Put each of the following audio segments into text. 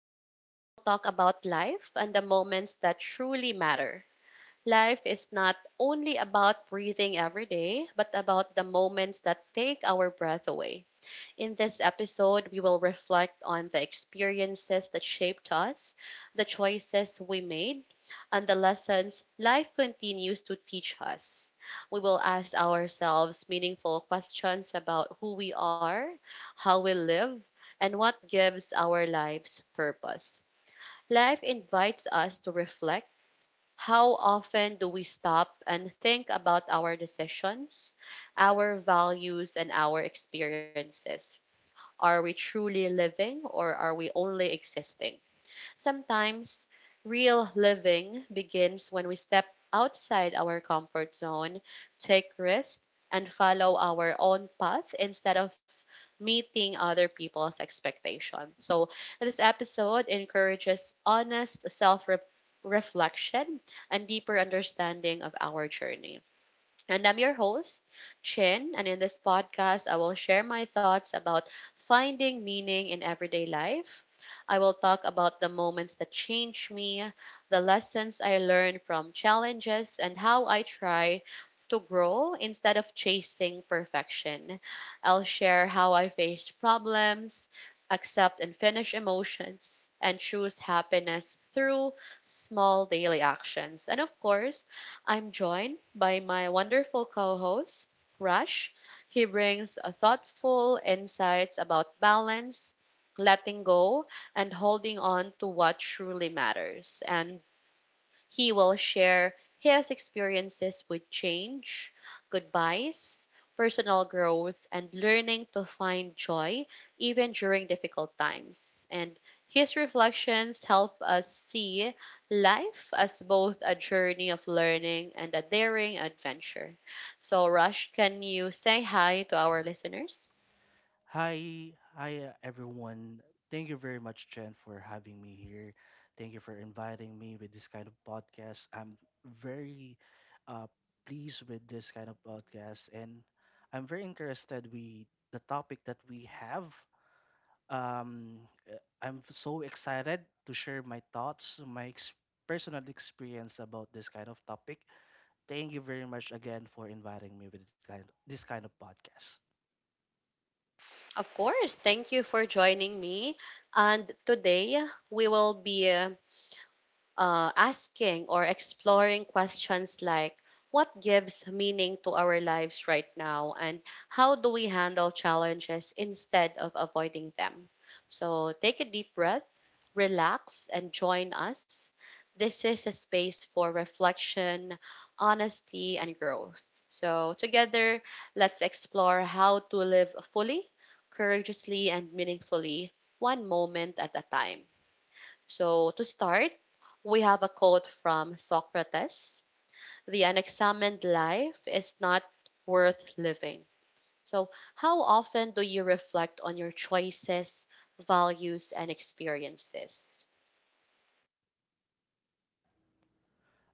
Today, we will talk about life and the moments that truly matter. Life is not only about breathing every day, but about the moments that take our breath away. In this episode, we will reflect on the experiences that shaped us, the choices we made, and the lessons life continues to teach us. We will ask ourselves meaningful questions about who we are, how we live, and what gives our lives purpose. Life invites us to reflect. How often do we stop and think about our decisions, our values, and our experiences? Are we truly living, or are we only existing? Sometimes real living begins when we step outside our comfort zone, take risks, and follow our own path instead of meeting other people's expectation. So this episode encourages honest self reflection and deeper understanding of our journey. And I'm your host, Chin. And in this podcast, I will share my thoughts about finding meaning in everyday life. I will talk about the moments that change me, the lessons I learned from challenges, and how I try to grow instead of chasing perfection. I'll share how I face problems, accept and finish emotions, and choose happiness through small daily actions. And of course, I'm joined by my wonderful co host, Rush. He brings a thoughtful insights about balance, letting go, and holding on to what truly matters. And he will share his experiences with change, goodbyes, personal growth, and learning to find joy even during difficult times. And his reflections help us see life as both a journey of learning and a daring adventure. So, Rush, can you say hi to our listeners? Hi, hi everyone. Thank you very much, Jen, for having me here. Thank you for inviting me with this kind of podcast. I'm very uh, pleased with this kind of podcast, and I'm very interested with the topic that we have. Um, I'm so excited to share my thoughts, personal experience about this kind of topic. Thank you very much again for inviting me with this kind of podcast. Of course. Thank you for joining me. And today we will be asking or exploring questions like what gives meaning to our lives right now, and how do we handle challenges instead of avoiding them. So take a deep breath, relax, and join us. This is a space for reflection, honesty, and growth. So, together, let's explore how to live fully, courageously, and meaningfully, one moment at a time. So, to start, we have a quote from Socrates. The unexamined life is not worth living. So, how often do you reflect on your choices, values, and experiences?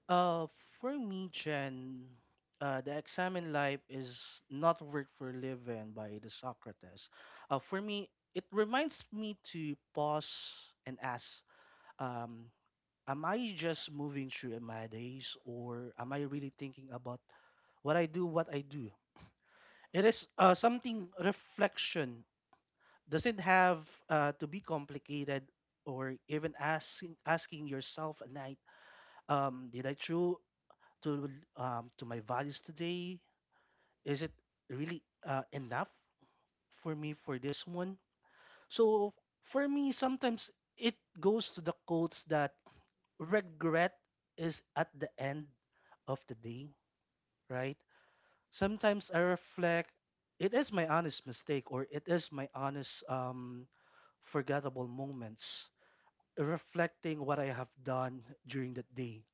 Uh, for me, Jen, the exam in life is not work for living by the Socrates. For me, it reminds me to pause and ask, um, am I just moving through my days or am I really thinking about what I do, what I do? It is something reflection. Doesn't have to be complicated or even asking yourself at night, did I true to to my values today? Is it really enough for me for this one? So for me, sometimes it goes to the quotes that regret is at the end of the day, right? Sometimes I reflect, it is my honest mistake or it is my honest forgettable moments, reflecting what I have done during that day,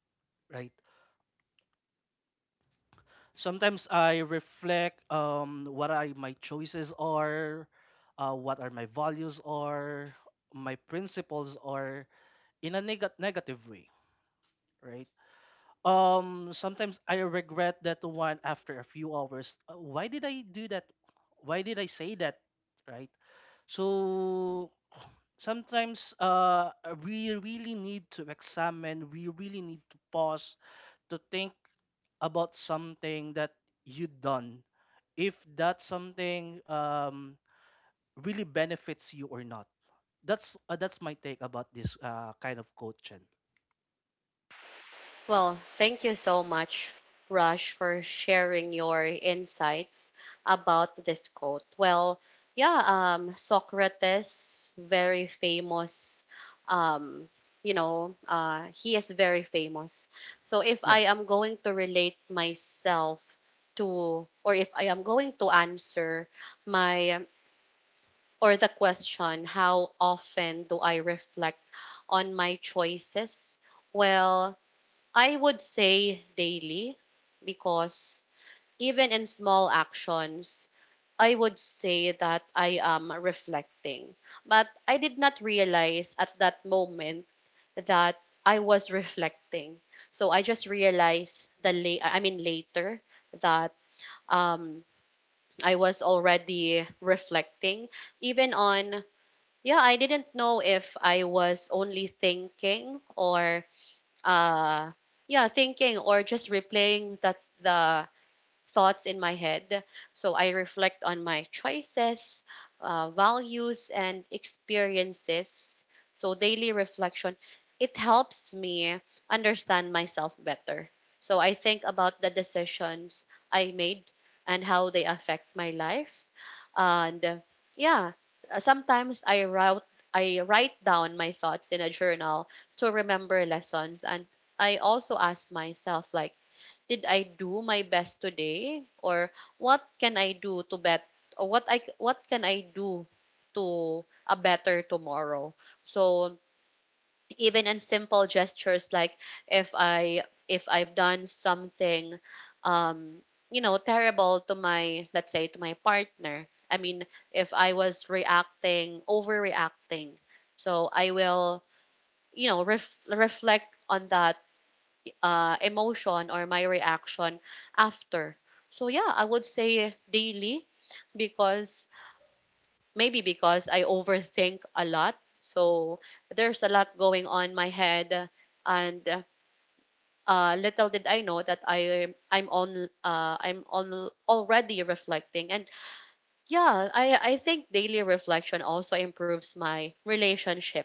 right? Sometimes I reflect what I my choices are, what are my values are, my principles are in a negative way, right? Sometimes I regret that one after a few hours. Why did I do that? Why did I say that, right? So sometimes we really need to examine, we really need to pause to think about something that you done if that something really benefits you or not. That's that's my take about this kind of coaching. Well, thank you so much, Rush, for sharing your insights about this quote. Well, yeah, Socrates, very famous. Um, he is very famous. So if Yeah. I am going to relate myself to, or if I am going to answer my or the question, how often do I reflect on my choices? Well, I would say daily, because even in small actions, I would say that I am reflecting. But I did not realize at that moment that I was reflecting. So I just realized I mean later that um I was already reflecting, even on, yeah, I didn't know if I was only thinking or uh yeah, thinking or just replaying that the thoughts in my head. So I reflect on my choices, values, and experiences. So daily reflection, it helps me understand myself better. So I think about the decisions I made and how they affect my life. And yeah, sometimes I route I write down my thoughts in a journal to remember lessons, and I also ask myself, like, did I do my best today, or what can I do to bet or what can I do to a better tomorrow. So even in simple gestures, like if I if I've done something, um you know, terrible to my, let's say, to my partner, I mean, if I was reacting overreacting, so I will, you know, reflect on that emotion or my reaction after. So yeah, I would say daily, because maybe because I overthink a lot. So there's a lot going on in my head, and little did I know that I I'm on already reflecting. And yeah, I think daily reflection also improves my relationship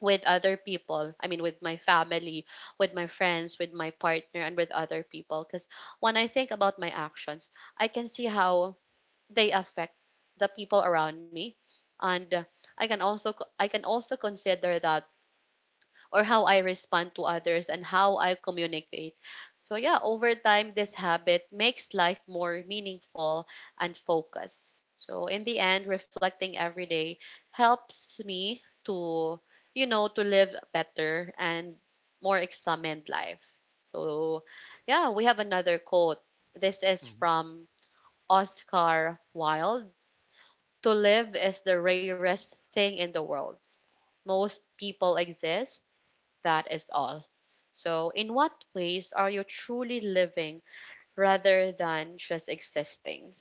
with other people. I mean, with my family, with my friends, with my partner, and with other people. Because when I think about my actions, I can see how they affect the people around me, and I can also consider that, or how I respond to others and how I communicate. So yeah, over time this habit makes life more meaningful and focused. So in the end, reflecting every day helps me to, you know, to live a better and more examined life. So yeah, we have another quote. This is Hmm. from Oscar Wilde. To live is the rarest thing in the world. Most people exist, that is all. So, in what ways are you truly living rather than just existing?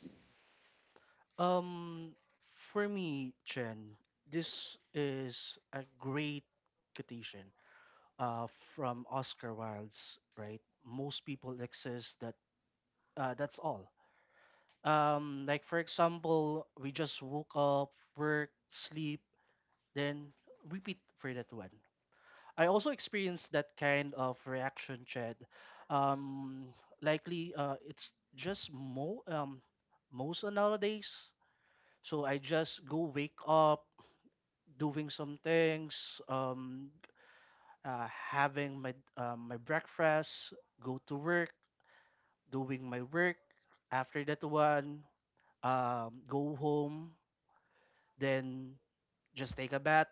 um for me, Chen, this is a great quotation uh from Oscar Wilde's, right? Most people exist, that that's all. Um, like for example, we just woke up, work, sleep, then repeat for that one. I also experienced that kind of reaction, Chad. Um, likely, it's just mo most nowadays. So I just go wake up, doing some things, having my breakfast, go to work, doing my work. After that one, go home, then just take a bath.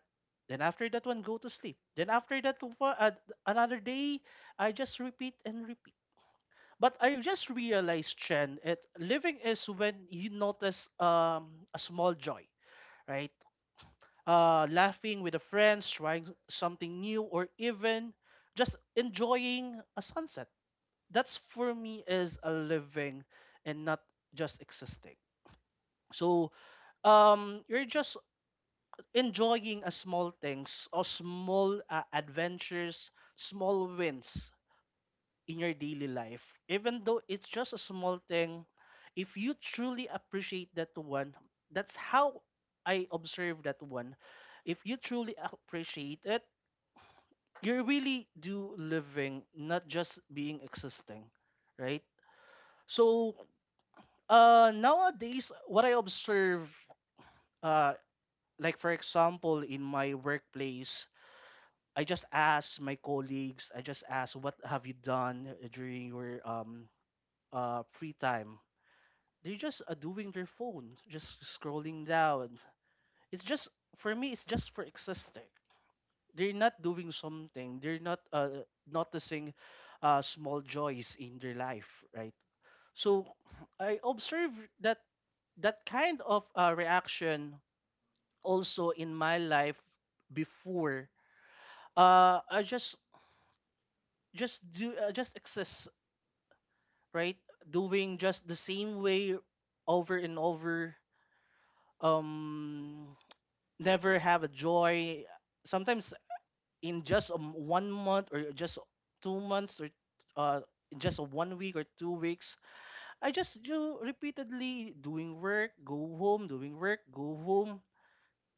Then after that one, go to sleep. Then after that, another day, I just repeat and repeat. But I just realized, Chen, it living is when you notice a small joy, right? Laughing with the friends, trying something new, or even just enjoying a sunset. That's for me is a living and not just existing. So you're just enjoying a small things or small adventures, small wins in your daily life. Even though it's just a small thing, if you truly appreciate that one, that's how I observe that one. If you truly appreciate it, you really do living, not just being existing, right? So nowadays, what I observe, uh, like for example, in my workplace, I just asked my colleagues, I just asked, what have you done during your free time? They're just doing their phone, just scrolling down. It's just, for me, it's just for existing. They're not doing something, they're not noticing small joys in their life, right? So I observe that that kind of reaction also in my life before. I just do just exist, right? Doing just the same way over and over, um, never have a joy. Sometimes in just 1 month or just 2 months or uh, in just 1 week or 2 weeks, I just do repeatedly doing work, go home, doing work, go home.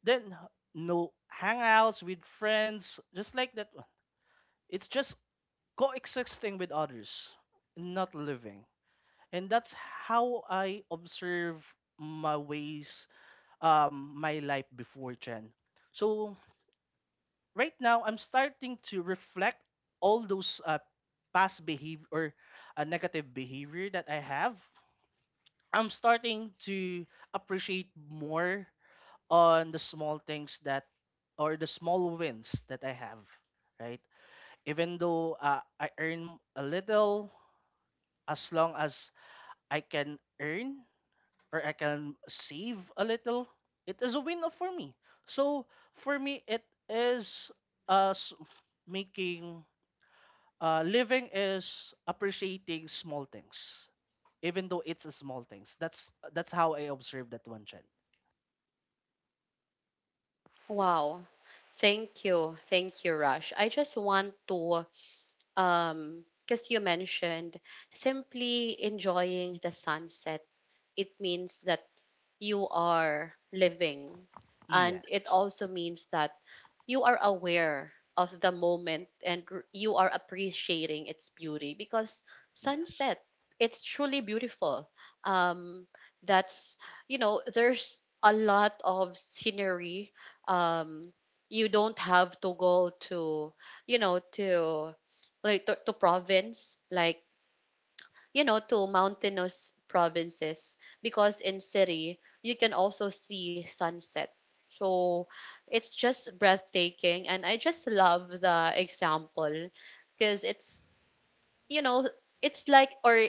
Then no hangouts with friends, just like that one. It's just coexisting with others, not living. And that's how I observe my ways, my life before, Jen. So right now, I'm starting to reflect all those past behavior or negative behavior that I have. I'm starting to appreciate more on the small things that or the small wins that I have, right? Even though I earn a little, as long as I can earn or I can save a little, it is a win up for me. So for me, it is us making living is appreciating small things, even though it's a small things. That's how I observe that one, Chen. Wow. Thank you. Thank you, Rush. I just want to, because you mentioned simply enjoying the sunset, it means that you are living. And it Yes, also means that you are aware of the moment and you are appreciating its beauty, because yes. sunset, it's truly beautiful. um that's, you know, there's a lot of scenery. um you don't have to go to, you know, to, like, to province, like, you know, to mountainous provinces, because in city you can also see sunset. So it's just breathtaking, and I just love the example, because it's, you know, it's like, or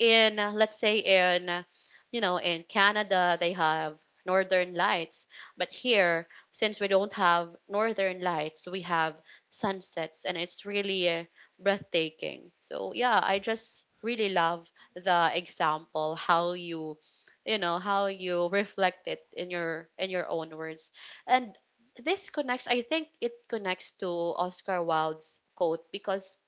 in let's say in you know, in Canada they have northern lights, but here since we don't have northern lights, we have sunsets, and it's really breathtaking. So yeah, I just really love the example, how you, you know, how you reflect it in your own words. And this connects, I think it connects to Oscar Wilde's quote, because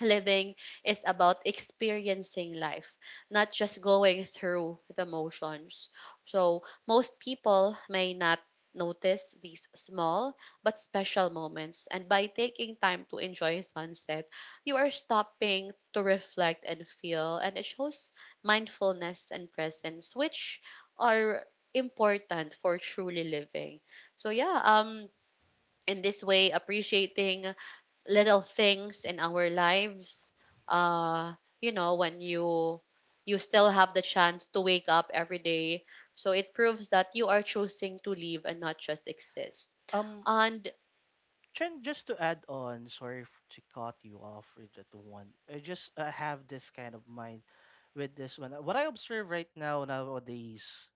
living is about experiencing life, not just going through the motions. So, most people may not notice these small but special moments. And by taking time to enjoy sunset, you are stopping to reflect and feel. And it shows mindfulness and presence, which are important for truly living. So, yeah, in this way, appreciating little things in our lives, uh you know, when you still have the chance to wake up every day, so it proves that you are choosing to live and not just exist. Um, And Chen, just to add on, sorry to cut you off with that one. I just have this kind of mind with this one. What I observe right now nowadays,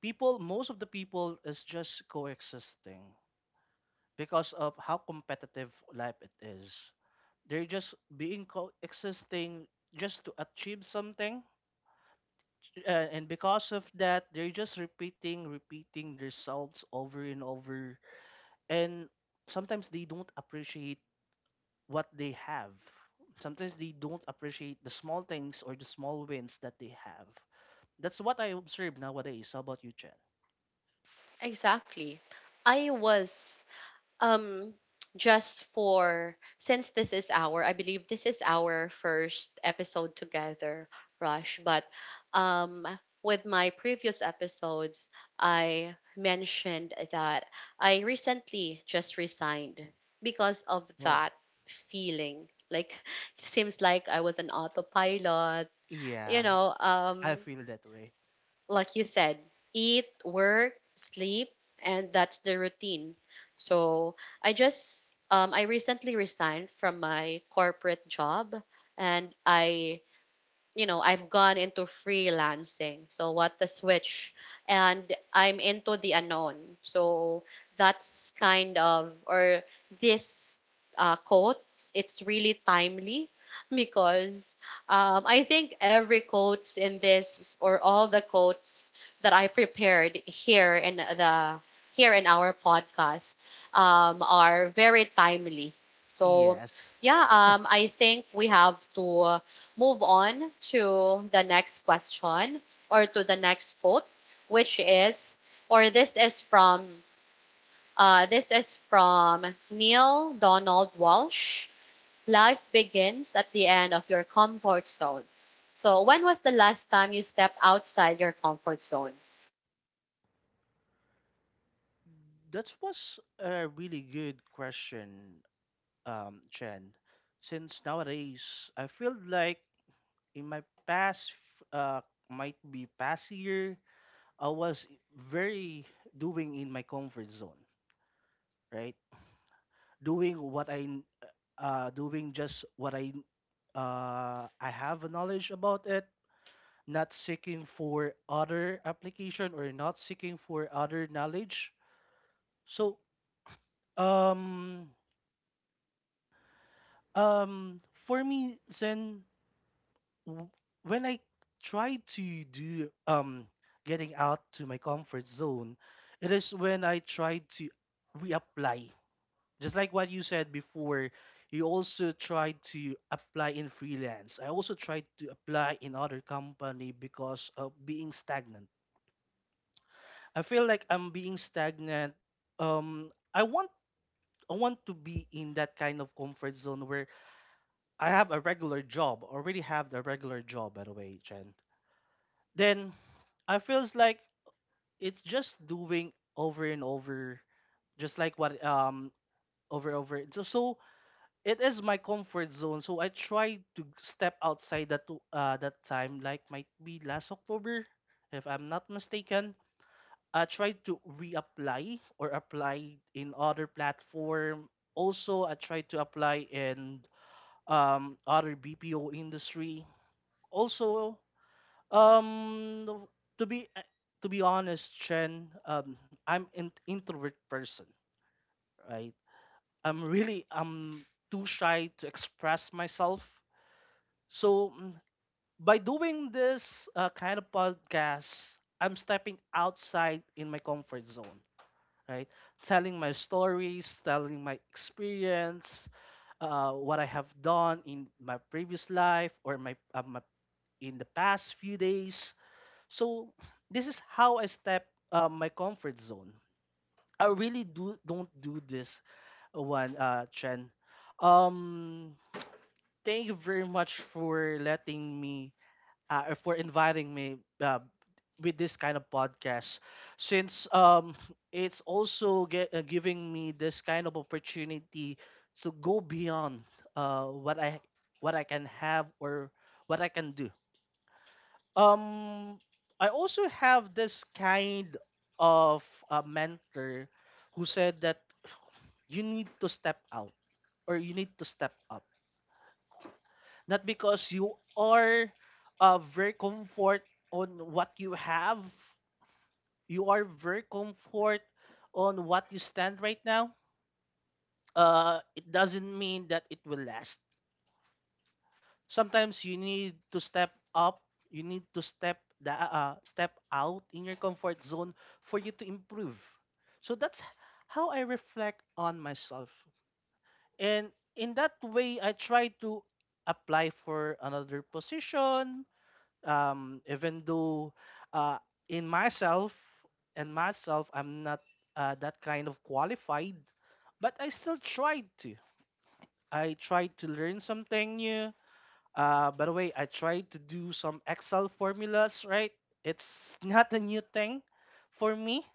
people, most of the people is just coexisting because of how competitive life it is. They're just being coexisting just to achieve something, and because of that they're just repeating themselves over and over, and sometimes they don't appreciate what they have. Sometimes they don't appreciate the small things or the small wins that they have. That's what I observe nowadays. How about you, Chen? exactly, I was, um just for, since this is our, I believe this is our first episode together, Rush, but um with my previous episodes I mentioned that I recently just resigned, because of Wow. that feeling, like it seems like I was an autopilot, you Yeah, know. I feel that way. Like you said, eat, work, sleep, and that's the routine. So I just, I recently resigned from my corporate job, and I, you know, I've gone into freelancing. So what the switch, and I'm into the unknown. So that's kind of, or this quote, it's really timely, because I think every quotes in this, or all the quotes that I prepared here in the, here in our podcast, are very timely. So Yes. yeah, I think we have to move on to the next question, or to the next quote, which is, or this is from Neil Donald Walsh. Life begins at the end of your comfort zone. So, when was the last time you stepped outside your comfort zone? That was a really good question, Chen. Since nowadays, I feel like in my past, uh, might be past year, I was very doing in my comfort zone, right? Doing doing just what I have a knowledge about it. Not seeking for other application or not seeking for other knowledge. So, um, Um, for me, Zen, w- when I try to do getting out to my comfort zone, it is when I try to reapply. Just like what you said before, you also try to apply in freelance. I also tried to apply in other company because of being stagnant. I feel like I'm being stagnant. Um, I want I want to be in that kind of comfort zone where I have a regular job, already have a regular job, by the way, Chen. Then I feels like it's just doing over and over, just like what over over. So it is my comfort zone. So I try to step outside that that time, like might be last October, if I'm not mistaken. I tried to reapply or apply in other platform. Also, I tried to apply in other BPO industry also, um to be uh, to be honest, Chen, I'm an introvert person, right? I'm really, I'm too shy to express myself. So by doing this kind of podcast, I'm stepping outside in my comfort zone, right? Telling my stories, telling my experience, what I have done in my previous life or my in the past few days. So this is how I step my comfort zone. I really do don't do this one, Chen. Um, thank you very much for letting me, or for inviting me with this kind of podcast. Since it's also giving me this kind of opportunity to go beyond uh, what I what I can have or what I can do. Um, I also have this kind of a mentor who said that you need to step out or you need to step up. Not because you are very comfort on what you have, you are very comfort on what you stand right now, it doesn't mean that it will last. Sometimes you need to step up, you need to step out in your comfort zone for you to improve. So that's how I reflect on myself, and in that way I try to apply for another position. Um, even though uh, in myself and myself I'm not that kind of qualified, but I still tried to, I tried to learn something new. Uh, by the way, I tried to do some Excel formulas, right? It's not a new thing for me.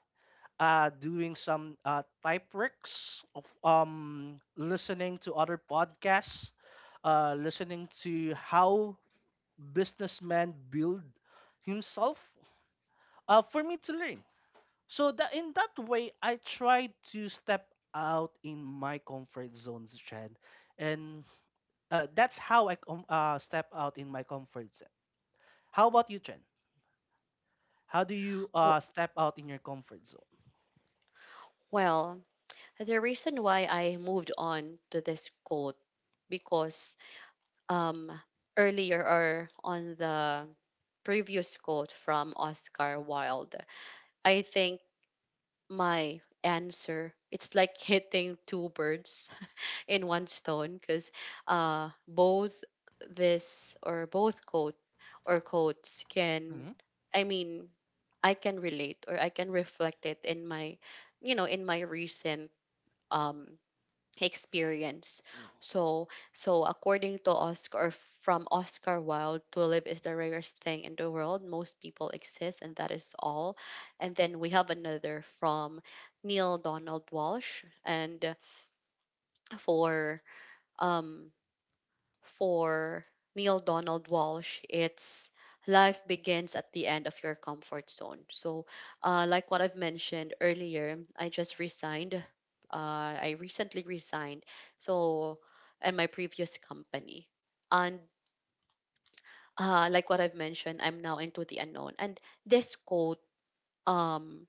Doing some type works of listening to other podcasts, listening to how businessmen build himself, for me to learn. So that in that way, I tried to step out in my comfort zones, Chad, and that's how I step out in my comfort zone. How about you, Chen? How do you W- step out in your comfort zone? Well, the reason why I moved on to this quote, because um, earlier, or on the previous quote from Oscar Wilde, I think my answer, it's like hitting two birds in one stone, because both this or quotes can Mm-hmm. I mean, I can relate or I can reflect it in my, you know, in my recent um experience. So, so according to Oscar, or from Oscar Wilde, to live is the rarest thing in the world. Most people exist, and that is all. And then we have another from Neil Donald Walsh, and for um for Neil Donald Walsh, it's life begins at the end of your comfort zone. So, like what I've mentioned earlier, I just resigned. I recently resigned. So, in my previous company, and like what I've mentioned, I'm now into the unknown. And this quote, um,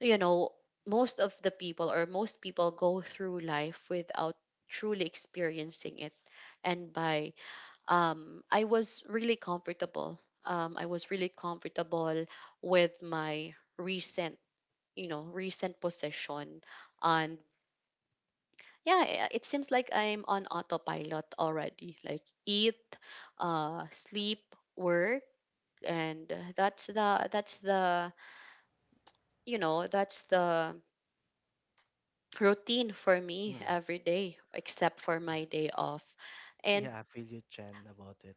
you know, most of the people, or most people, go through life without truly experiencing it, and by I was really comfortable. I was really comfortable with my recent, you know, recent position. And yeah, it seems like I'm on autopilot already. Like eat, sleep, work, and that's the you know, that's the routine for me Mm-hmm. every day except for my day off. And Yeah, I feel you, Chen, about it.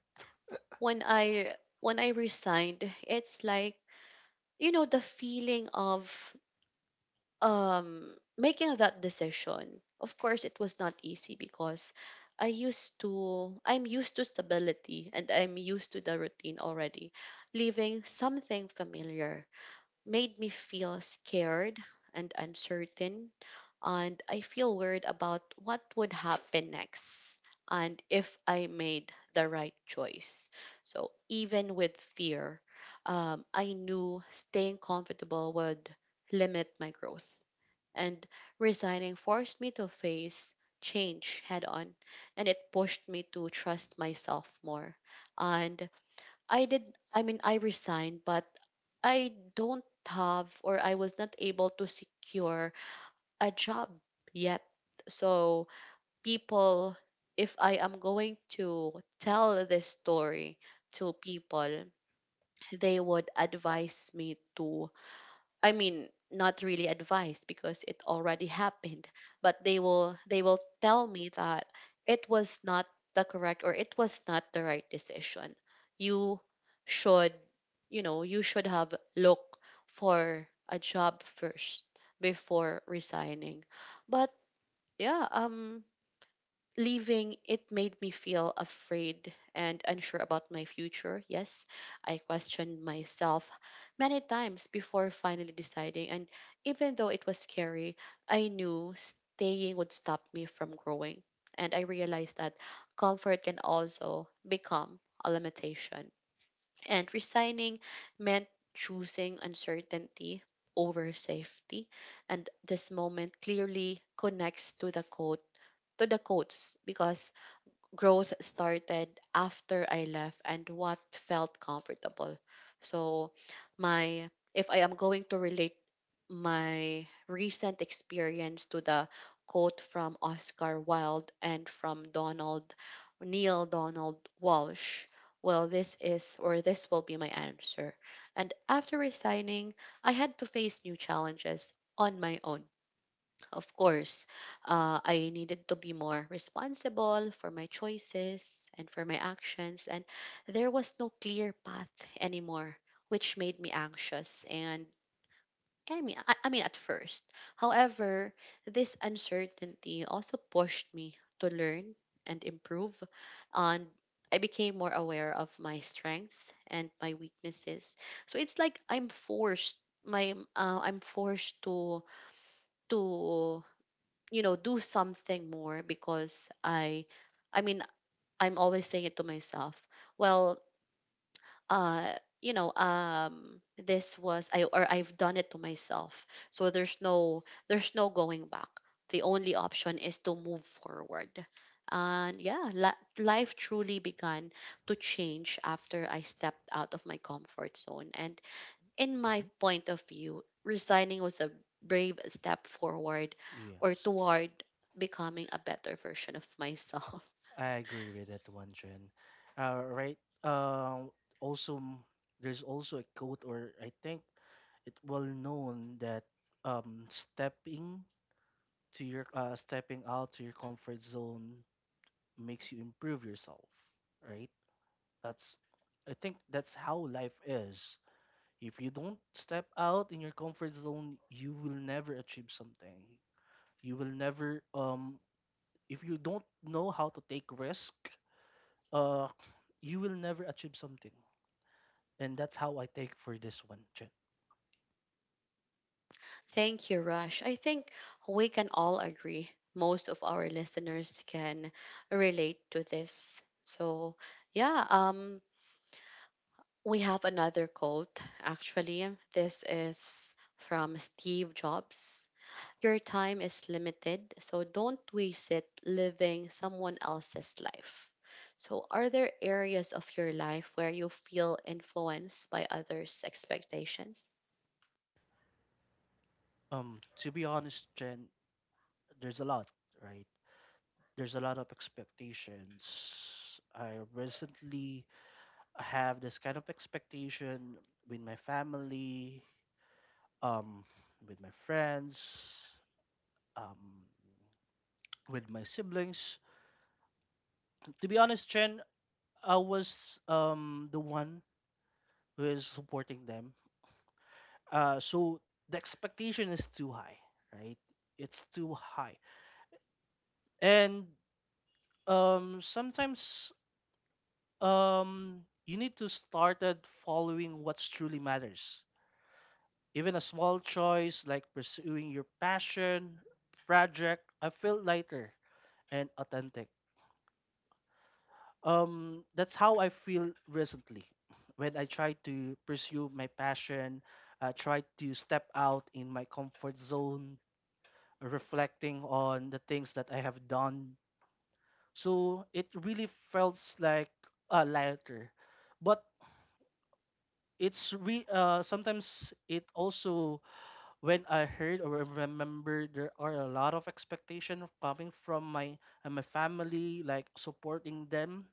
when I when I resigned, it's like you know the feeling of making that decision. Of course it was not easy because I'm used to stability and I'm used to the routine already. Leaving something familiar made me feel scared and uncertain, and I feel worried about what would happen next and if I made the right choice. So even with fear, I knew staying comfortable would limit my growth, and resigning forced me to face change head on, and it pushed me to trust myself more. And i did I mean I resigned, but I don't have, or I was not able to secure a job yet. So, people, if I am going to tell this story to people, they would advise me to, I mean, not really advise because it already happened, but they will tell me that it was not the correct, or it was not the right decision. You should, you know, you should have looked for a job first before resigning. But yeah, leaving it made me feel afraid and unsure about my future. Yes, I questioned myself many times before finally deciding. And even though it was scary, I knew staying would stop me from growing. And I realized that comfort can also become a limitation. And resigning meant choosing uncertainty over safety. And this moment clearly connects to the quote, to the coats, because growth started after I left and what felt comfortable. So my if I am going to relate my recent experience to the quote from Oscar Wilde and from Donald Neil Donald Walsh, well this is, or this will be my answer. And after resigning, I had to face new challenges on my own. Of course, I needed to be more responsible for my choices and for my actions, and there was no clear path anymore, which made me anxious. And at first, however, this uncertainty also pushed me to learn and improve, and I became more aware of my strengths and my weaknesses. So it's like I'm forced. My I'm forced to to you know do something more because I mean I'm always saying it to myself, well, uh you know, this was I, or I've done it to myself, so there's no going back. The only option is to move forward. And yeah, life truly began to change after I stepped out of my comfort zone. And in my Hmm. point of view, resigning was a brave step forward, or Yes, toward becoming a better version of myself. I agree with that one, Chen. Right. Uh, also, there's also a quote, or I think it well known that um, stepping stepping out to your comfort zone makes you improve yourself. Right. That's, I think that's how life is. If you don't step out in your comfort zone, you will never achieve something. You will never if you don't know how to take risk, uh you will never achieve something. And that's how I take for this one, Chen. Thank you, Rush. I think we can all agree. Most of our listeners can relate to this. So, yeah, we have another quote actually. This is from Steve Jobs. Your time is limited, so don't waste it living someone else's life. So, are there areas of your life where you feel influenced by others' expectations? Um, to be honest, Chen, there's a lot, right? There's a lot of expectations. I recently have this kind of expectation with my family, um with my friends, um with my siblings. To be honest, Chen, I was the one who is supporting them. So the expectation is too high, right? It's too high, and sometimes you need to start at following what truly matters. Even a small choice like pursuing your passion project, I feel lighter and authentic. That's how I feel recently when I try to pursue my passion, try to step out in my comfort zone, reflecting on the things that I have done. So it really felt like lighter, but it's re sometimes it also when I heard or remember there are a lot of expectation coming from my and my family, like supporting them,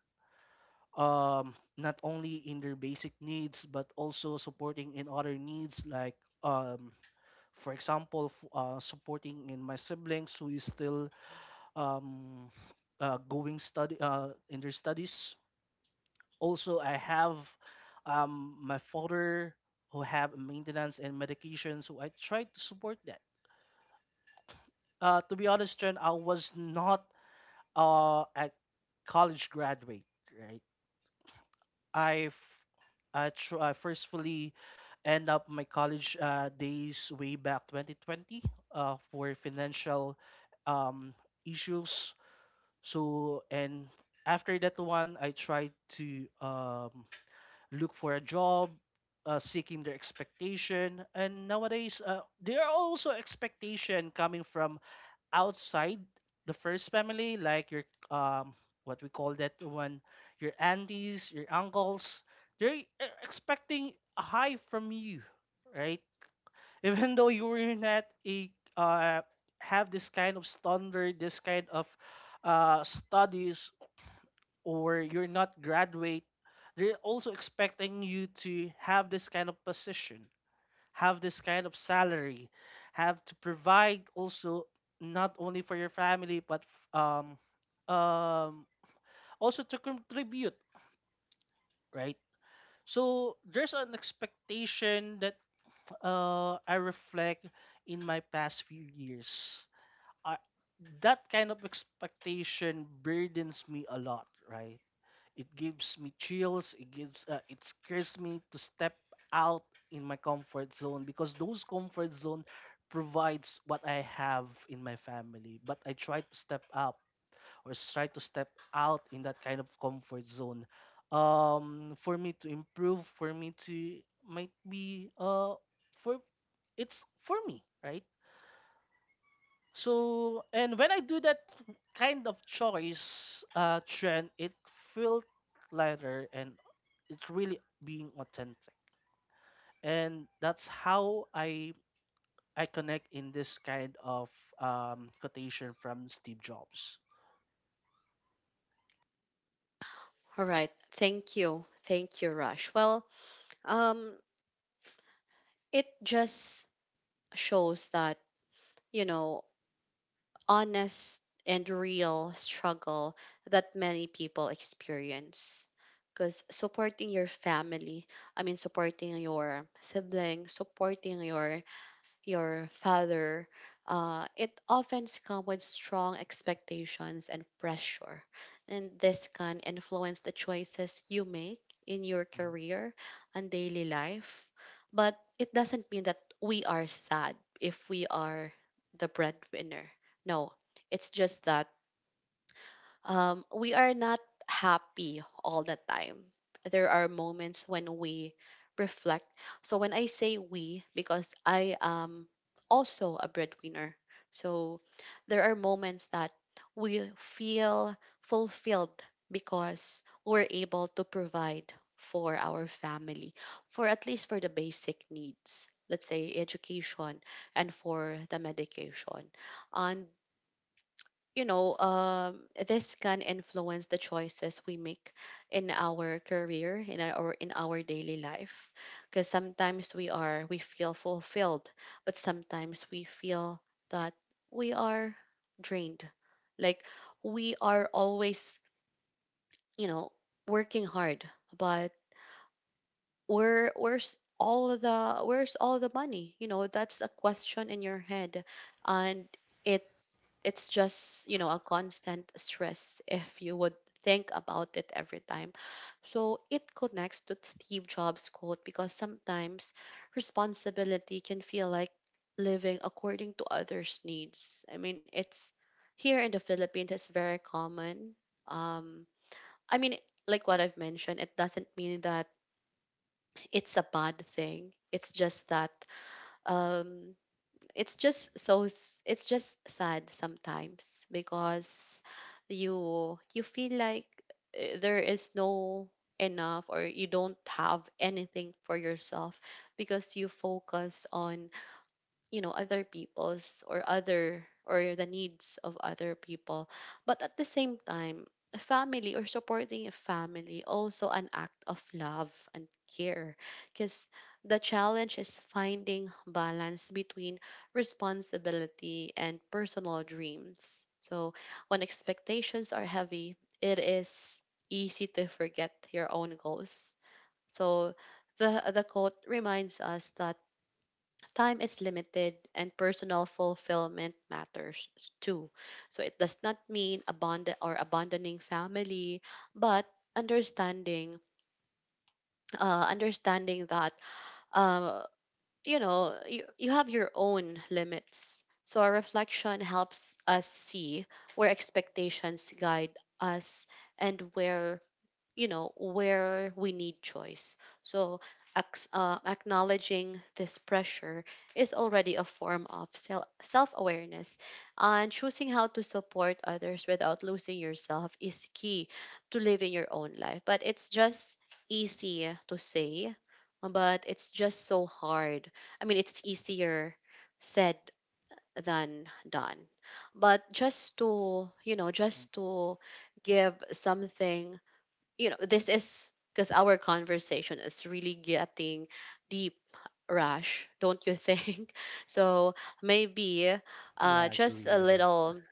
not only in their basic needs but also supporting in other needs like, um, for example, supporting in my siblings who is still, um, going study in their studies. Also I have, my father who have maintenance and medication, so I try to support that. To be honest, Chen, I was not a college graduate, right? I f- I, tr- I firstly end up my college days way back 2020, for financial um, issues. So, and after that one, I tried to, look for a job, seeking their expectation. And nowadays, there are also expectation coming from outside the first family, like your, um what we call that one, your aunties, your uncles, they're expecting a high from you, right? Even though you were not a, uh have this kind of standard, this kind of studies, or you're not graduate, they're also expecting you to have this kind of position, have this kind of salary, have to provide also not only for your family but, um um also to contribute, right? So there's an expectation that, I reflect in my past few years. I, that kind of expectation burdens me a lot, right? It gives me chills. It scares me to step out in my comfort zone because those comfort zone provides what I have in my family. But I try to step up, or try to step out in that kind of comfort zone. For me to improve, for me to might be for it's for me, right? So, and when I do that kind of choice, trend, it felt lighter and it's really being authentic. And that's how I connect in this kind of, quotation from Steve Jobs. All right. Thank you. Thank you, Rush. Well, um, it just shows that, you know, honest and real struggle that many people experience. Because supporting your family, I mean, supporting your sibling, supporting your father, it often comes with strong expectations and pressure. And this can influence the choices you make in your Mhm. career and daily life. But it doesn't mean that we are sad if we are the breadwinner. No, it's just that we are not happy all the time. There are moments when we reflect. So when I say we, because I am also a breadwinner, so there are moments that we feel fulfilled because we're able to provide for our family, for at least for the basic needs. Let's say education and for the medication. And you know, this can influence the choices we make in our career, in our, or in our daily life. Because sometimes we feel fulfilled, but sometimes we feel that we are drained. Like we are always, you know, working hard, but where's all the money? You know, that's a question in your head, and it it's just you know a constant stress if you would think about it every time. So it connects to Steve Jobs quote because sometimes responsibility can feel like living according to others needs. I mean, it's here in the Philippines, it's very common. um I mean, like what I've mentioned, it doesn't mean that it's a bad thing. It's just that, um it's just it's just sad sometimes because you feel like, there is no enough, or you don't have anything for yourself because you focus on, you know, other people's, or other, or the needs of other people. But at the same time, a family or supporting a family also an act of love and care. Because the challenge is finding balance between responsibility and personal dreams. So when expectations are heavy, it is easy to forget your own goals. So the quote reminds us that time is limited and personal fulfillment matters too. So it does not mean abandon, or abandoning family, but understanding, understanding that, uh you know, you have your own limits. So our reflection helps us see where expectations guide us and where, you know, where we need choice. So, acknowledging this pressure is already a form of self awareness. And choosing how to support others without losing yourself is key to living your own life. But it's just easy to say, but it's just so hard. I mean, it's easier said than done. But just to, you know, just to give something, you know, this is because our conversation is really getting deep, Rush, don't you think? So maybe Yeah, I just agree a with that. little,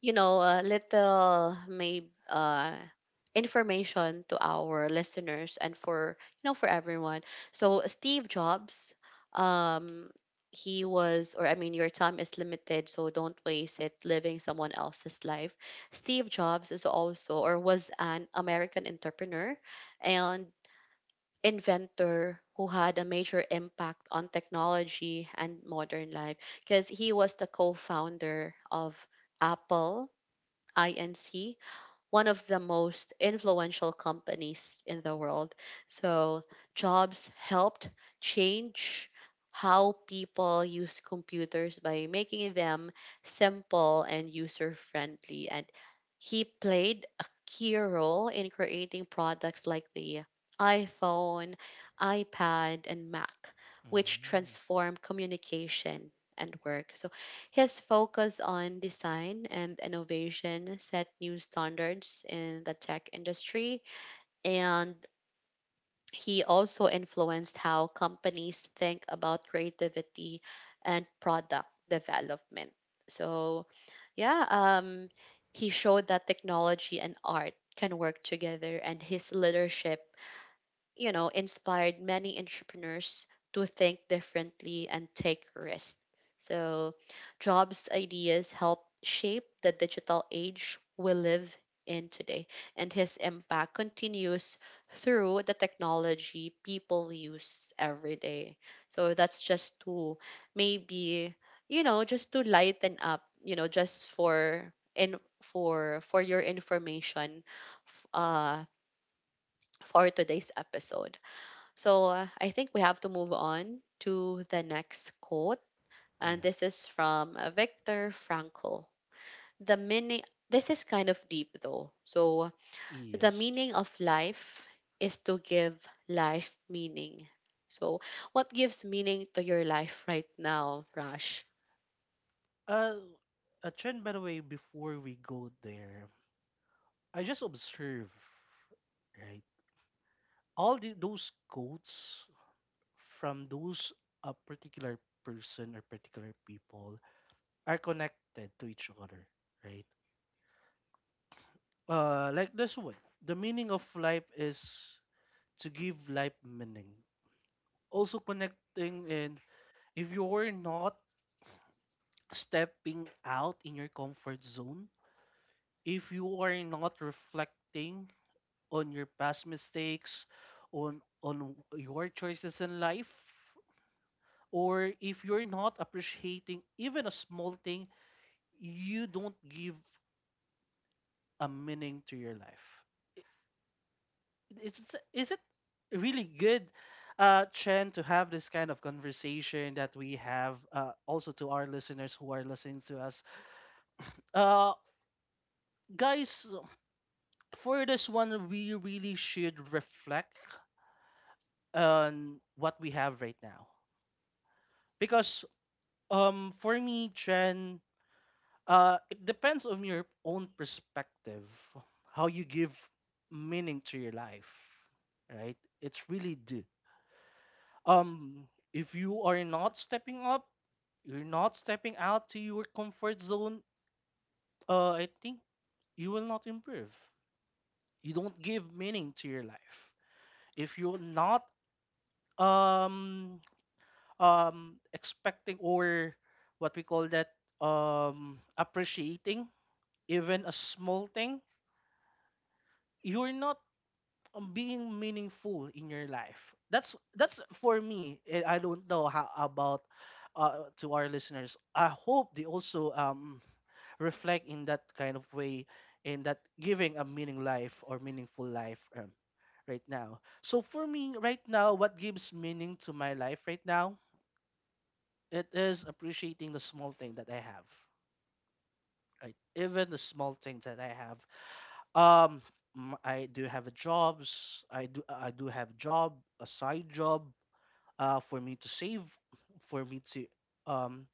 you know, a little maybe information to our listeners and for you know for everyone. So Steve Jobs, um, he was, or I mean, your time is limited, so don't waste it living someone else's life. Steve Jobs is also, or was an American entrepreneur and inventor who had a major impact on technology and modern life because he was the co-founder of Apple Inc., one of the most influential companies in the world. So, jobs helped change how people use computers by making them simple and user friendly. And he played a key role in creating products like the iPhone, iPad, and Mac, which Mm, transformed communication and work. So, his focus on design and innovation set new standards in the tech industry, and he also influenced how companies think about creativity and product development. So, yeah, he showed that technology and art can work together, and his leadership, you know, inspired many entrepreneurs to think differently and take risks. So, Jobs' ideas helped shape the digital age we live in today, and his impact continues through the technology people use every day. So, that's just to maybe, you know, just to lighten up, you know, just for your information f- uh for today's episode. So I think we have to move on to the next quote. And yeah. this is from Viktor Frankl. The meaning, this is kind of deep though. So the Yes. meaning of life is to give life meaning. So what gives meaning to your life right now, Rush? Uh, a trend, by the way, before we go there, I just observe, right? Those quotes from those a particular person or particular people are connected to each other, right? Like this one, the meaning of life is to give life meaning. Also connecting, and if you are not stepping out in your comfort zone, if you are not reflecting on your past mistakes, on your choices in life, or if you're not appreciating even a small thing, you don't give a meaning to your life. Is it really good, Chen, to have this kind of conversation that we have, also to our listeners who are listening to us? Uh, Guys, for this one, we really should reflect on what we have right now. Because, for me, Chen, it depends on your own perspective, how you give meaning to your life, right? It's really do. If you are not stepping up, you're not stepping out to your comfort zone. I think you will not improve. You don't give meaning to your life if you're not, um expecting or what we call that, appreciating even a small thing, you're not, being meaningful in your life. That's for me. I don't know how about, to our listeners. I hope they also, reflect in that kind of way, in that giving a meaning life or meaningful life, right now. So for me, right now, what gives meaning to my life right now? It is appreciating the small thing that I have. Right, even the small things that I have. Um, I do have a jobs. I do have job, a side job, for me to save, for me to um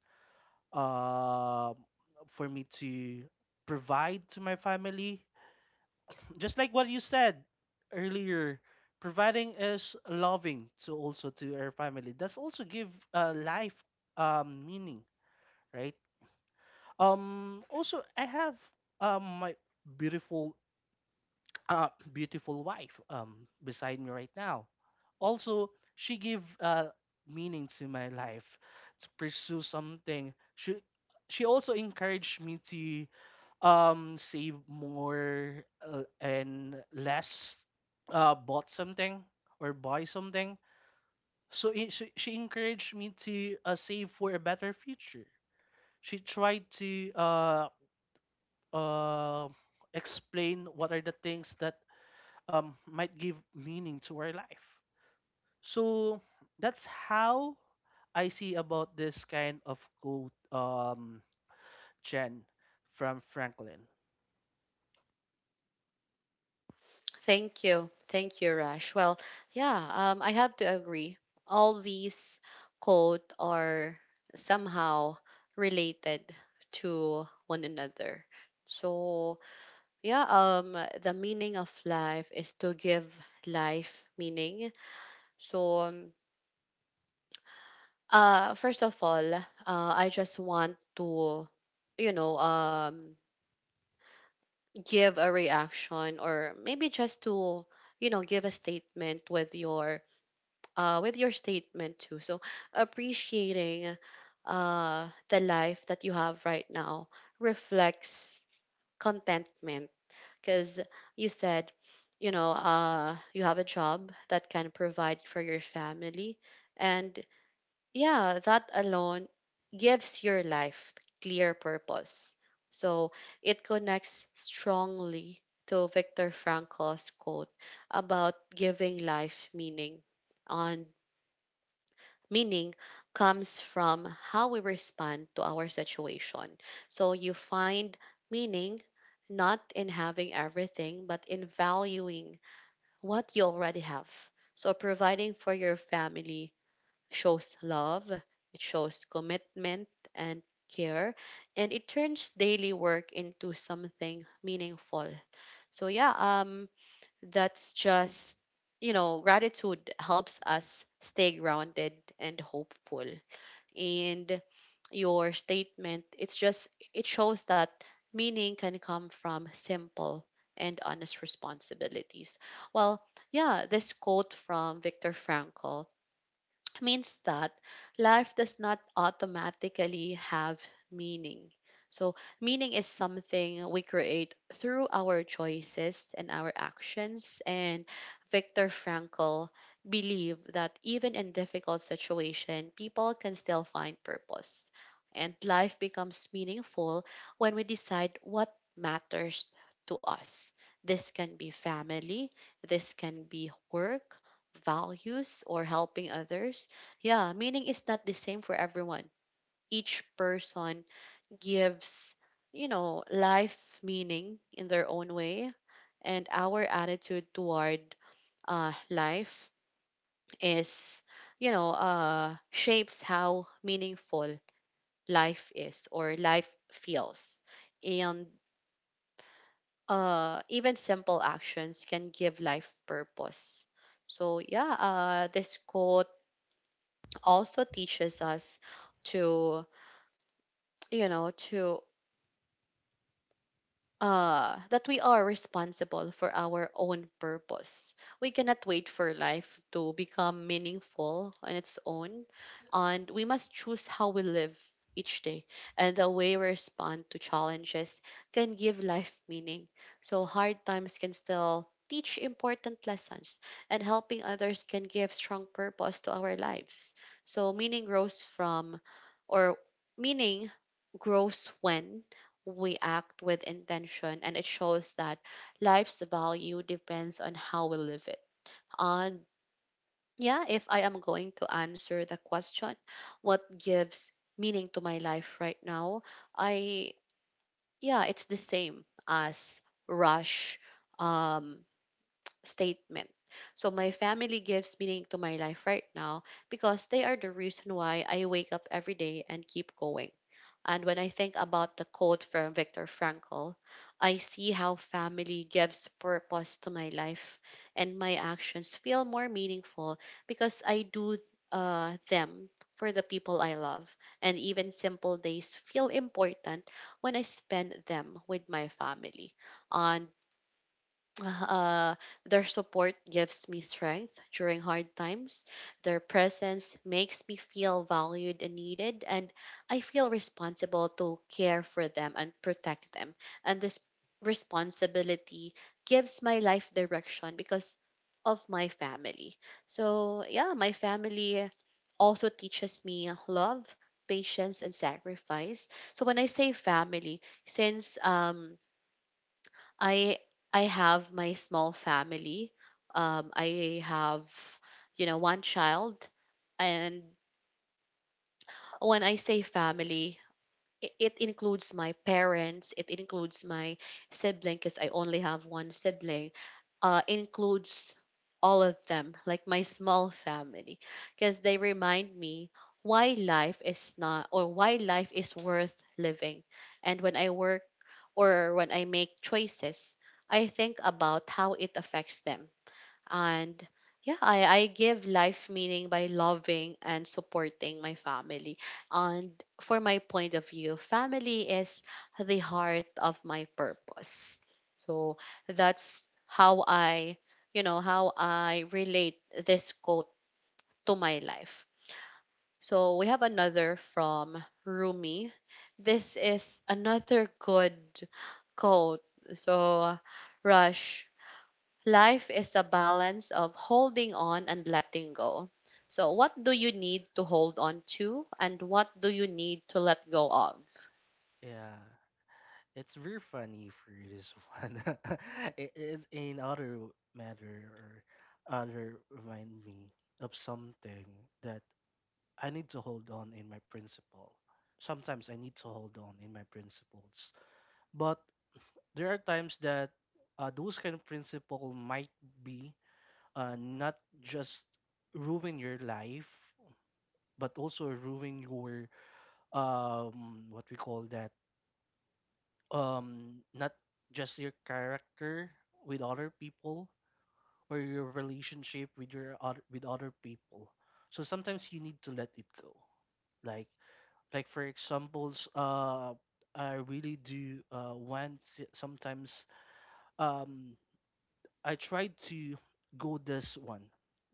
uh for me to provide to my family. Just like what you said earlier, providing is loving to also to our family. That's also give, life, meaning, right? Also, I have, my beautiful uh, beautiful wife, beside me right now. Also, she gave, meaning to my life to pursue something. She also encouraged me to, save more, and less, bought something or buy something. So she encouraged me to, save for a better future. She tried to, uh, explain what are the things that, might give meaning to our life. So that's how I see about this kind of quote, Jen, from Franklin. Thank you. Thank you, Rash. Well, yeah, I have to agree. All these quote are somehow related to one another. So yeah, the meaning of life is to give life meaning. So first of all, I just want to, you know, give a reaction or maybe just to, you know, give a statement with your statement too. So appreciating, the life that you have right now reflects contentment because you said, you know, you have a job that can provide for your family. And yeah, that alone gives your life clear purpose. So it connects strongly to Viktor Frankl's quote about giving life meaning on meaning comes from how we respond to our situation. So you find meaning not in having everything, but in valuing what you already have. So providing for your family shows love, it shows commitment and care, and it turns daily work into something meaningful. So yeah, that's just you know, gratitude helps us stay grounded and hopeful, and your statement, it's just it shows that meaning can come from simple and honest responsibilities. Well, yeah, this quote from Viktor Frankl means that life does not automatically have meaning. So, meaning is something we create through our choices and our actions. And Viktor Frankl believed that even in difficult situation, people can still find purpose. And life becomes meaningful when we decide what matters to us. This can be family, this can be work, values or helping others. Yeah, meaning is not the same for everyone. Each person gives, you know, life meaning in their own way, and our attitude toward, life is, you know, shapes how meaningful life is, or life feels. And even simple actions can give life purpose. So, yeah, this quote also teaches us to you know to that we are responsible for our own purpose. We cannot wait for life to become meaningful on its own, and we must choose how we live each day, and the way we respond to challenges can give life meaning. So hard times can still teach important lessons, and helping others can give strong purpose to our lives. So or meaning grows when we act with intention, and it shows that life's value depends on how we live it. And yeah, if I am going to answer the question, what gives meaning to my life right now? I yeah, it's the same as Rush um statement. So my family gives meaning to my life right now because they are the reason why I wake up every day and keep going. And when I think about the quote from Viktor Frankl, I see how family gives purpose to my life, and my actions feel more meaningful because I do them for the people I love. And even simple days feel important when I spend them with my family. On uh, their support gives me strength during hard times. Their presence makes me feel valued and needed, and I feel responsible to care for them and protect them. And this responsibility gives my life direction because of my family. So, yeah, my family also teaches me love, patience, and sacrifice. So, when I say family, since I I have my small family. I have, you know, one child, and when I say family, it includes my parents, it includes my sibling, because I only have one sibling. Includes all of them, like my small family, because they remind me why life is not or why life is worth living. And when I work, or when I make choices, I think about how it affects them. And yeah, I give life meaning by loving and supporting my family. And for my point of view, family is the heart of my purpose. So that's how I you know how I relate this quote to my life. So we have another from Rumi. This is another good quote. So, Rush, life is a balance of holding on and letting go. So, what do you need to hold on to, and what do you need to let go of? Yeah, it's very funny for this one. In other matter or other remind me of something that I need to hold on in my principle. Sometimes I need to hold on in my principles, but there are times that, those kind of principle might be, not just ruin your life but also ruin your, what we call that, not just your character with other people or your relationship with your other with other people. So sometimes you need to let it go. Like like for examples, I really do, sometimes, um I tried to go this one,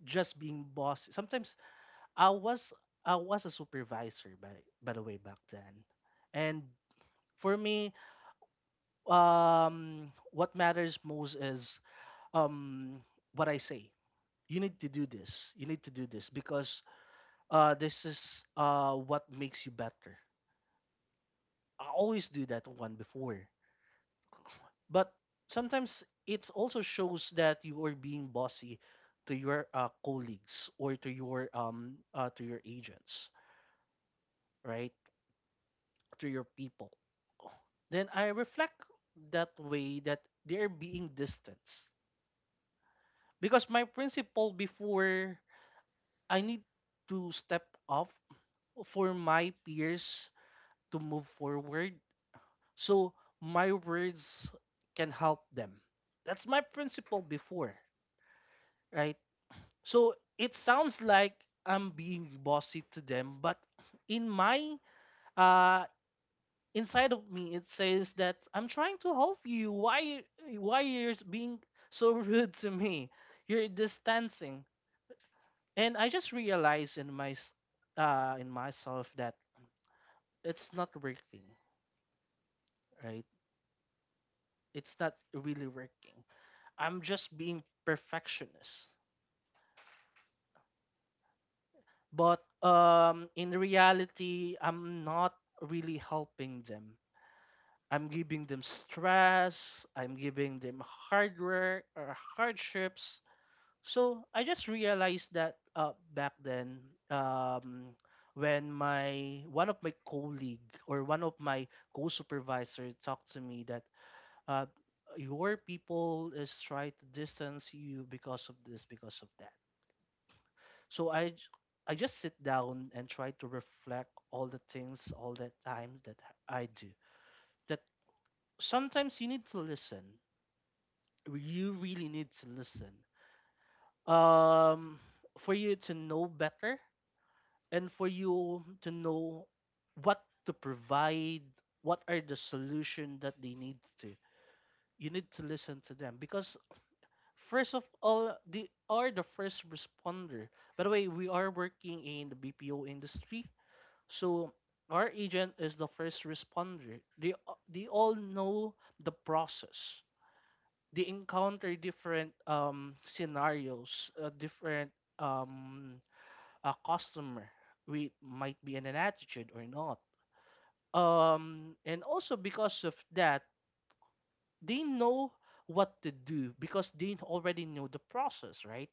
just being boss. Sometimes I was I was a supervisor, by the way back then, and for me, what matters most is, um what I say. You need to do this. You need to do this because, this is, what makes you better. I always do that one before. But sometimes it also shows that you are being bossy to your, colleagues or to your, to your agents, right? To your people. Then I reflect that way that they're being distanced because my principle before, I need to step up for my peers to move forward. So my words can help them. That's my principle before, right? So it sounds like I'm being bossy to them, but in my uh inside of me it says that I'm trying to help you. Why you're being so rude to me? You're distancing. And I just realized in myself that it's not working, right? It's not really working. I'm just being perfectionist. But, in reality I'm not really helping them. I'm giving them stress, I'm giving them hard work or hardships. So I just realized that, back then, um, when, my one of my colleague or one of my co-supervisor talked to me that, uh, your people is trying to distance you because of this, because of that. So I just sit down and try to reflect all the things, all the times that I do. That sometimes you need to listen, you really need to listen. Um, for you to know better and for you to know what to provide, what are the solution that they need to. You need to listen to them because first of all, they are the first responder. By the way, we are working in the BPO industry, so our agent is the first responder. They all know the process. They encounter different, scenarios, different, um, a customer with might be in an attitude or not. And also because of that, they know what to do because they already know the process, right?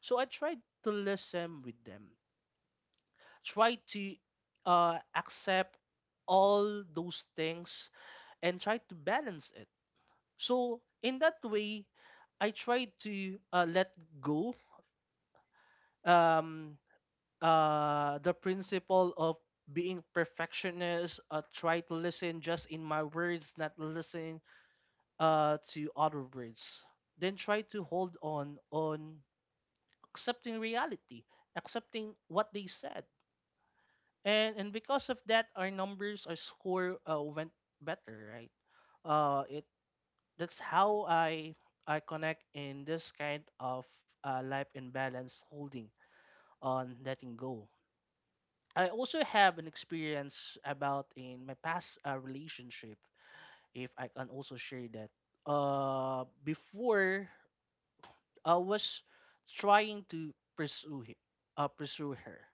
So I tried to listen with them, try to, accept all those things and try to balance it. So in that way, I try to, let go, um the principle of being perfectionist, try to listen just in my words, not listen, to other words, then try to hold on accepting reality, accepting what they said. And because of that, our numbers, our score, went better, right? It That's how I connect in this kind of, life imbalance, holding on, letting go. I also have an experience about in my past, relationship, if I can also share that. Before, I was trying to pursue her.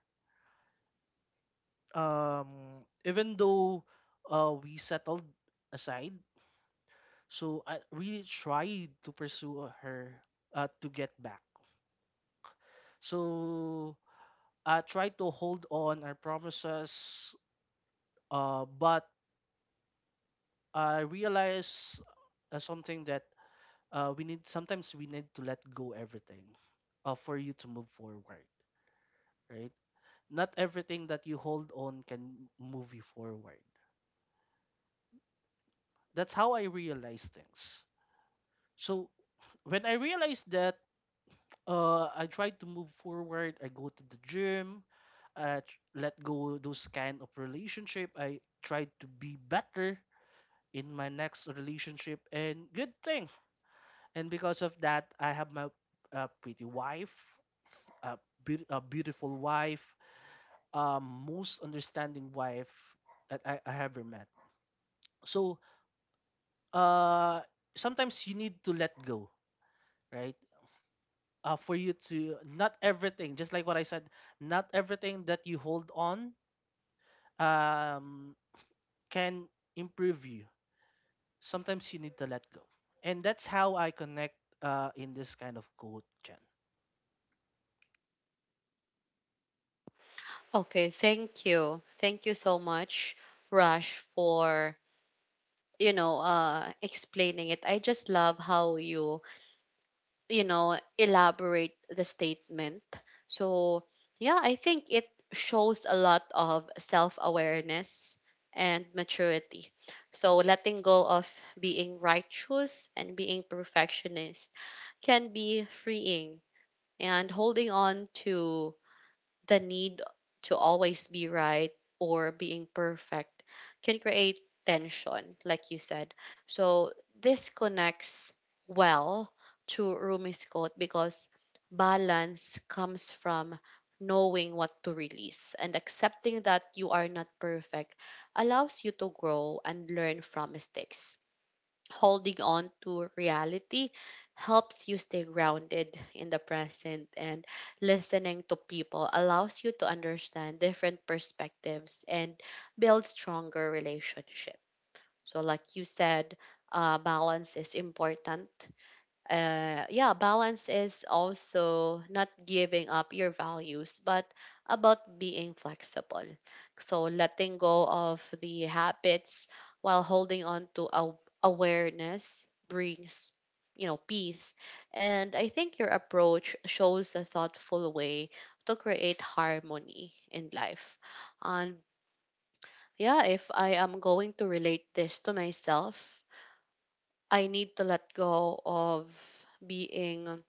Even though, we settled aside, so I really tried to pursue her, to get back. So I tried to hold on our promises, but I realized, something that, we need, sometimes we need to let go everything, for you to move forward, right? Not everything that you hold on can move you forward. That's how I realize things. So when I realized that, I tried to move forward. I go to the gym, let go those kind of relationship. I tried to be better in my next relationship, and good thing, and because of that I have my, pretty wife, a, a beautiful wife, most understanding wife that I ever met. So uh, sometimes you need to let go, right? For you to Not everything, just like what I said, not everything that you hold on, um, can improve you. Sometimes you need to let go, and that's how I connect, in this kind of quote, Chen. Okay, thank you. Thank you so much, Rush, for, you know, explaining it. I just love how you elaborate the statement. So, yeah, I think it shows a lot of self awareness and maturity. So, letting go of being righteous and being perfectionist can be freeing, and holding on to the need to always be right or being perfect can create tension, like you said. So this connects well to Rumi's quote, because balance comes from knowing what to release, and accepting that you are not perfect allows you to grow and learn from mistakes. Holding on to reality helps you stay grounded in the present, and listening to people allows you to understand different perspectives and build stronger relationship. So like you said, balance is important. Yeah, balance is also not giving up your values, but about being flexible. So letting go of the habits while holding on to awareness brings, you know, peace. And I think your approach shows a thoughtful way to create harmony in life. And yeah, if I am going to relate this to myself, I need to let go of being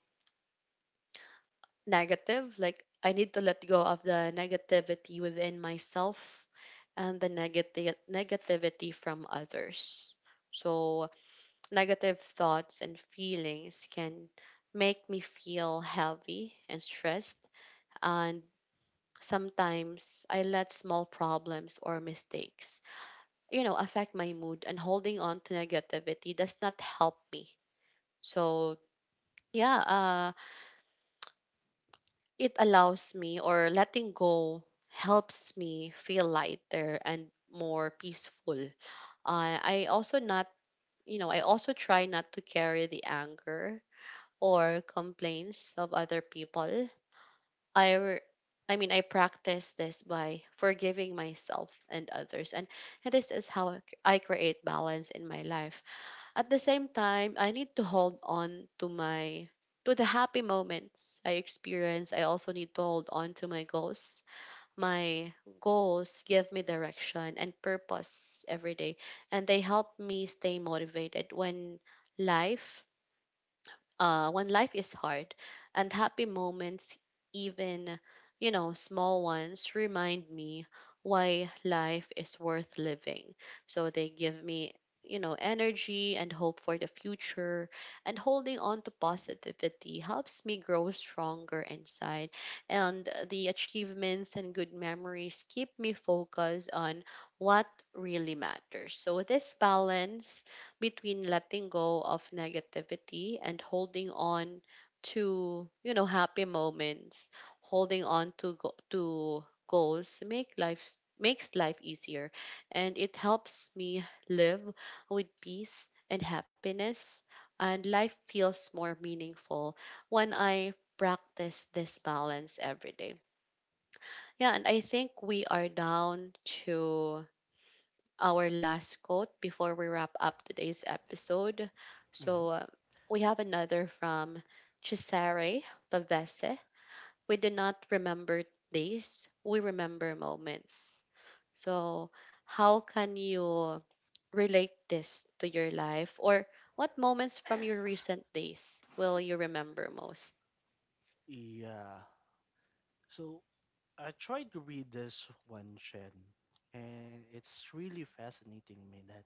negative. Like I need to let go of the negativity within myself and the negative negativity from others. So negative thoughts and feelings can make me feel heavy and stressed, and sometimes I let small problems or mistakes, you know, affect my mood, and holding on to negativity does not help me. So yeah, it allows me, or letting go helps me feel lighter and more peaceful. I also not, you know, I also try not to carry the anger or complaints of other people. I re- I mean, I practice this by forgiving myself and others, and this is how I create balance in my life. At the same time, I need to hold on to my to the happy moments I experience. I also need to hold on to my goals. My goals give me direction and purpose every day, and they help me stay motivated life when life is hard. And happy moments, even, you know, small ones, remind me why life is worth living. So they give me, you know, energy and hope for the future. And holding on to positivity helps me grow stronger inside. And the achievements and good memories keep me focused on what really matters. So this balance between letting go of negativity and holding on to, you know, happy moments, holding on to go- to goals makes life easier, and it helps me live with peace and happiness, and life feels more meaningful when I practice this balance every day. Yeah, and I think we are down to our last quote before we wrap up today's episode. Hmm. So we have another from Cesare Pavese. We do not remember days, we remember moments. So, how can you relate this to your life, or what moments from your recent days will you remember most? Yeah. So I tried to read this one, Shen, and it's really fascinating me that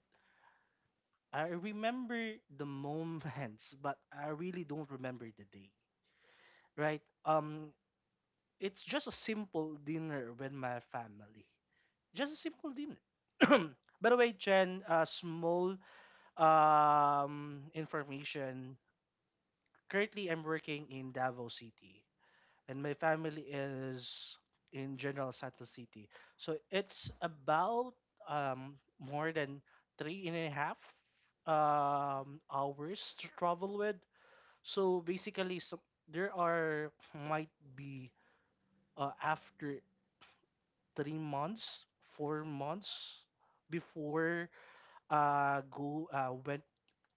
I remember the moments, but I really don't remember the day, right? It's just a simple dinner with my family. Just a simple dinner. By the way, Jen, small, information. Currently, I'm working in Davao City, and my family is in General Santos City. So it's about, more than three and a half, hours to travel with. So basically, so there are might be, after 3 months, 4 months before, go went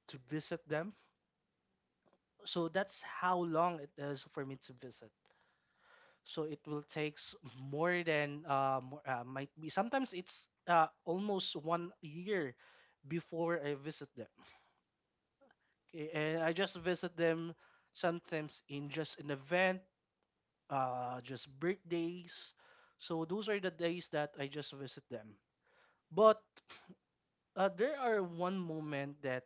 to visit them. So that's how long it is for me to visit. So it will takes more than, might be sometimes it's, almost one year before I visit them. Okay, and I just visit them sometimes in just an event, just birthdays. So those are the days that I just visit them. But, there are one moment that,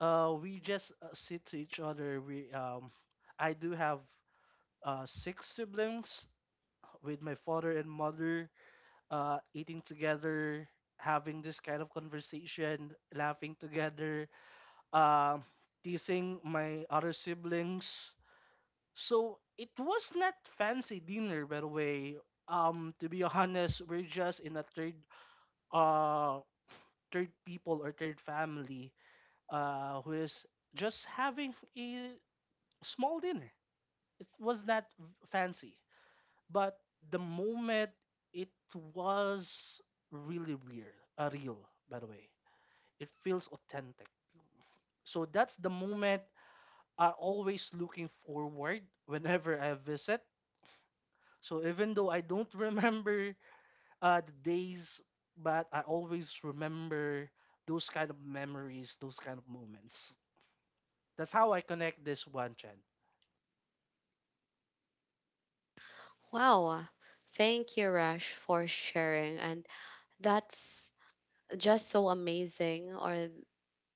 we just, sit to each other. We I do have, 6 siblings with my father and mother, eating together, having this kind of conversation, laughing together, uh, teasing my other siblings. So it was not fancy dinner, by the way. To be honest, we're just in a uh, third people or third family, who is just having a small dinner. It was not fancy. But the moment, it was really real, by the way, it feels authentic. So that's the moment I always looking forward whenever I visit. So even though I don't remember, the days, but I always remember those kind of memories, those kind of moments. That's how I connect this one, Chen. Wow, thank you, Rash, for sharing. And that's just so amazing, or,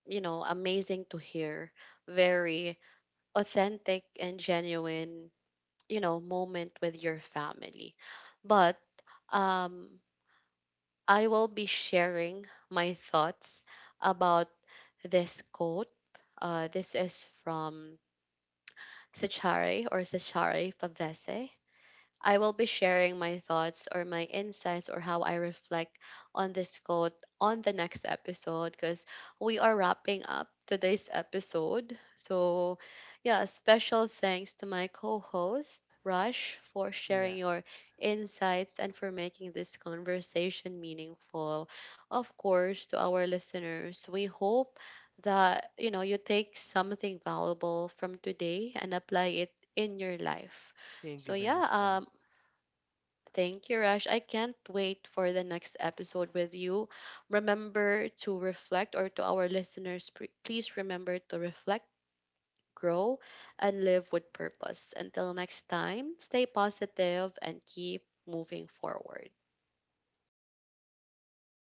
you know, amazing to hear. Very authentic and genuine, you know, moment with your family. But um, I will be sharing my thoughts about this quote. This is from Sachari Pavese. I will be sharing my thoughts, or my insights, or how I reflect on this quote on the next episode, because we are wrapping up today's episode. So, yeah, special thanks to my co host, Rush, for Yeah. sharing your insights and for making this conversation meaningful. Of course, to our listeners, we hope that, you know, you take something valuable from today and apply it in your life. Thank you So very much, yeah, Chen. Thank you, Rush. I can't wait for the next episode with you. Remember to reflect, or to our listeners, please remember to reflect, grow, and live with purpose. Until next time, stay positive and keep moving forward.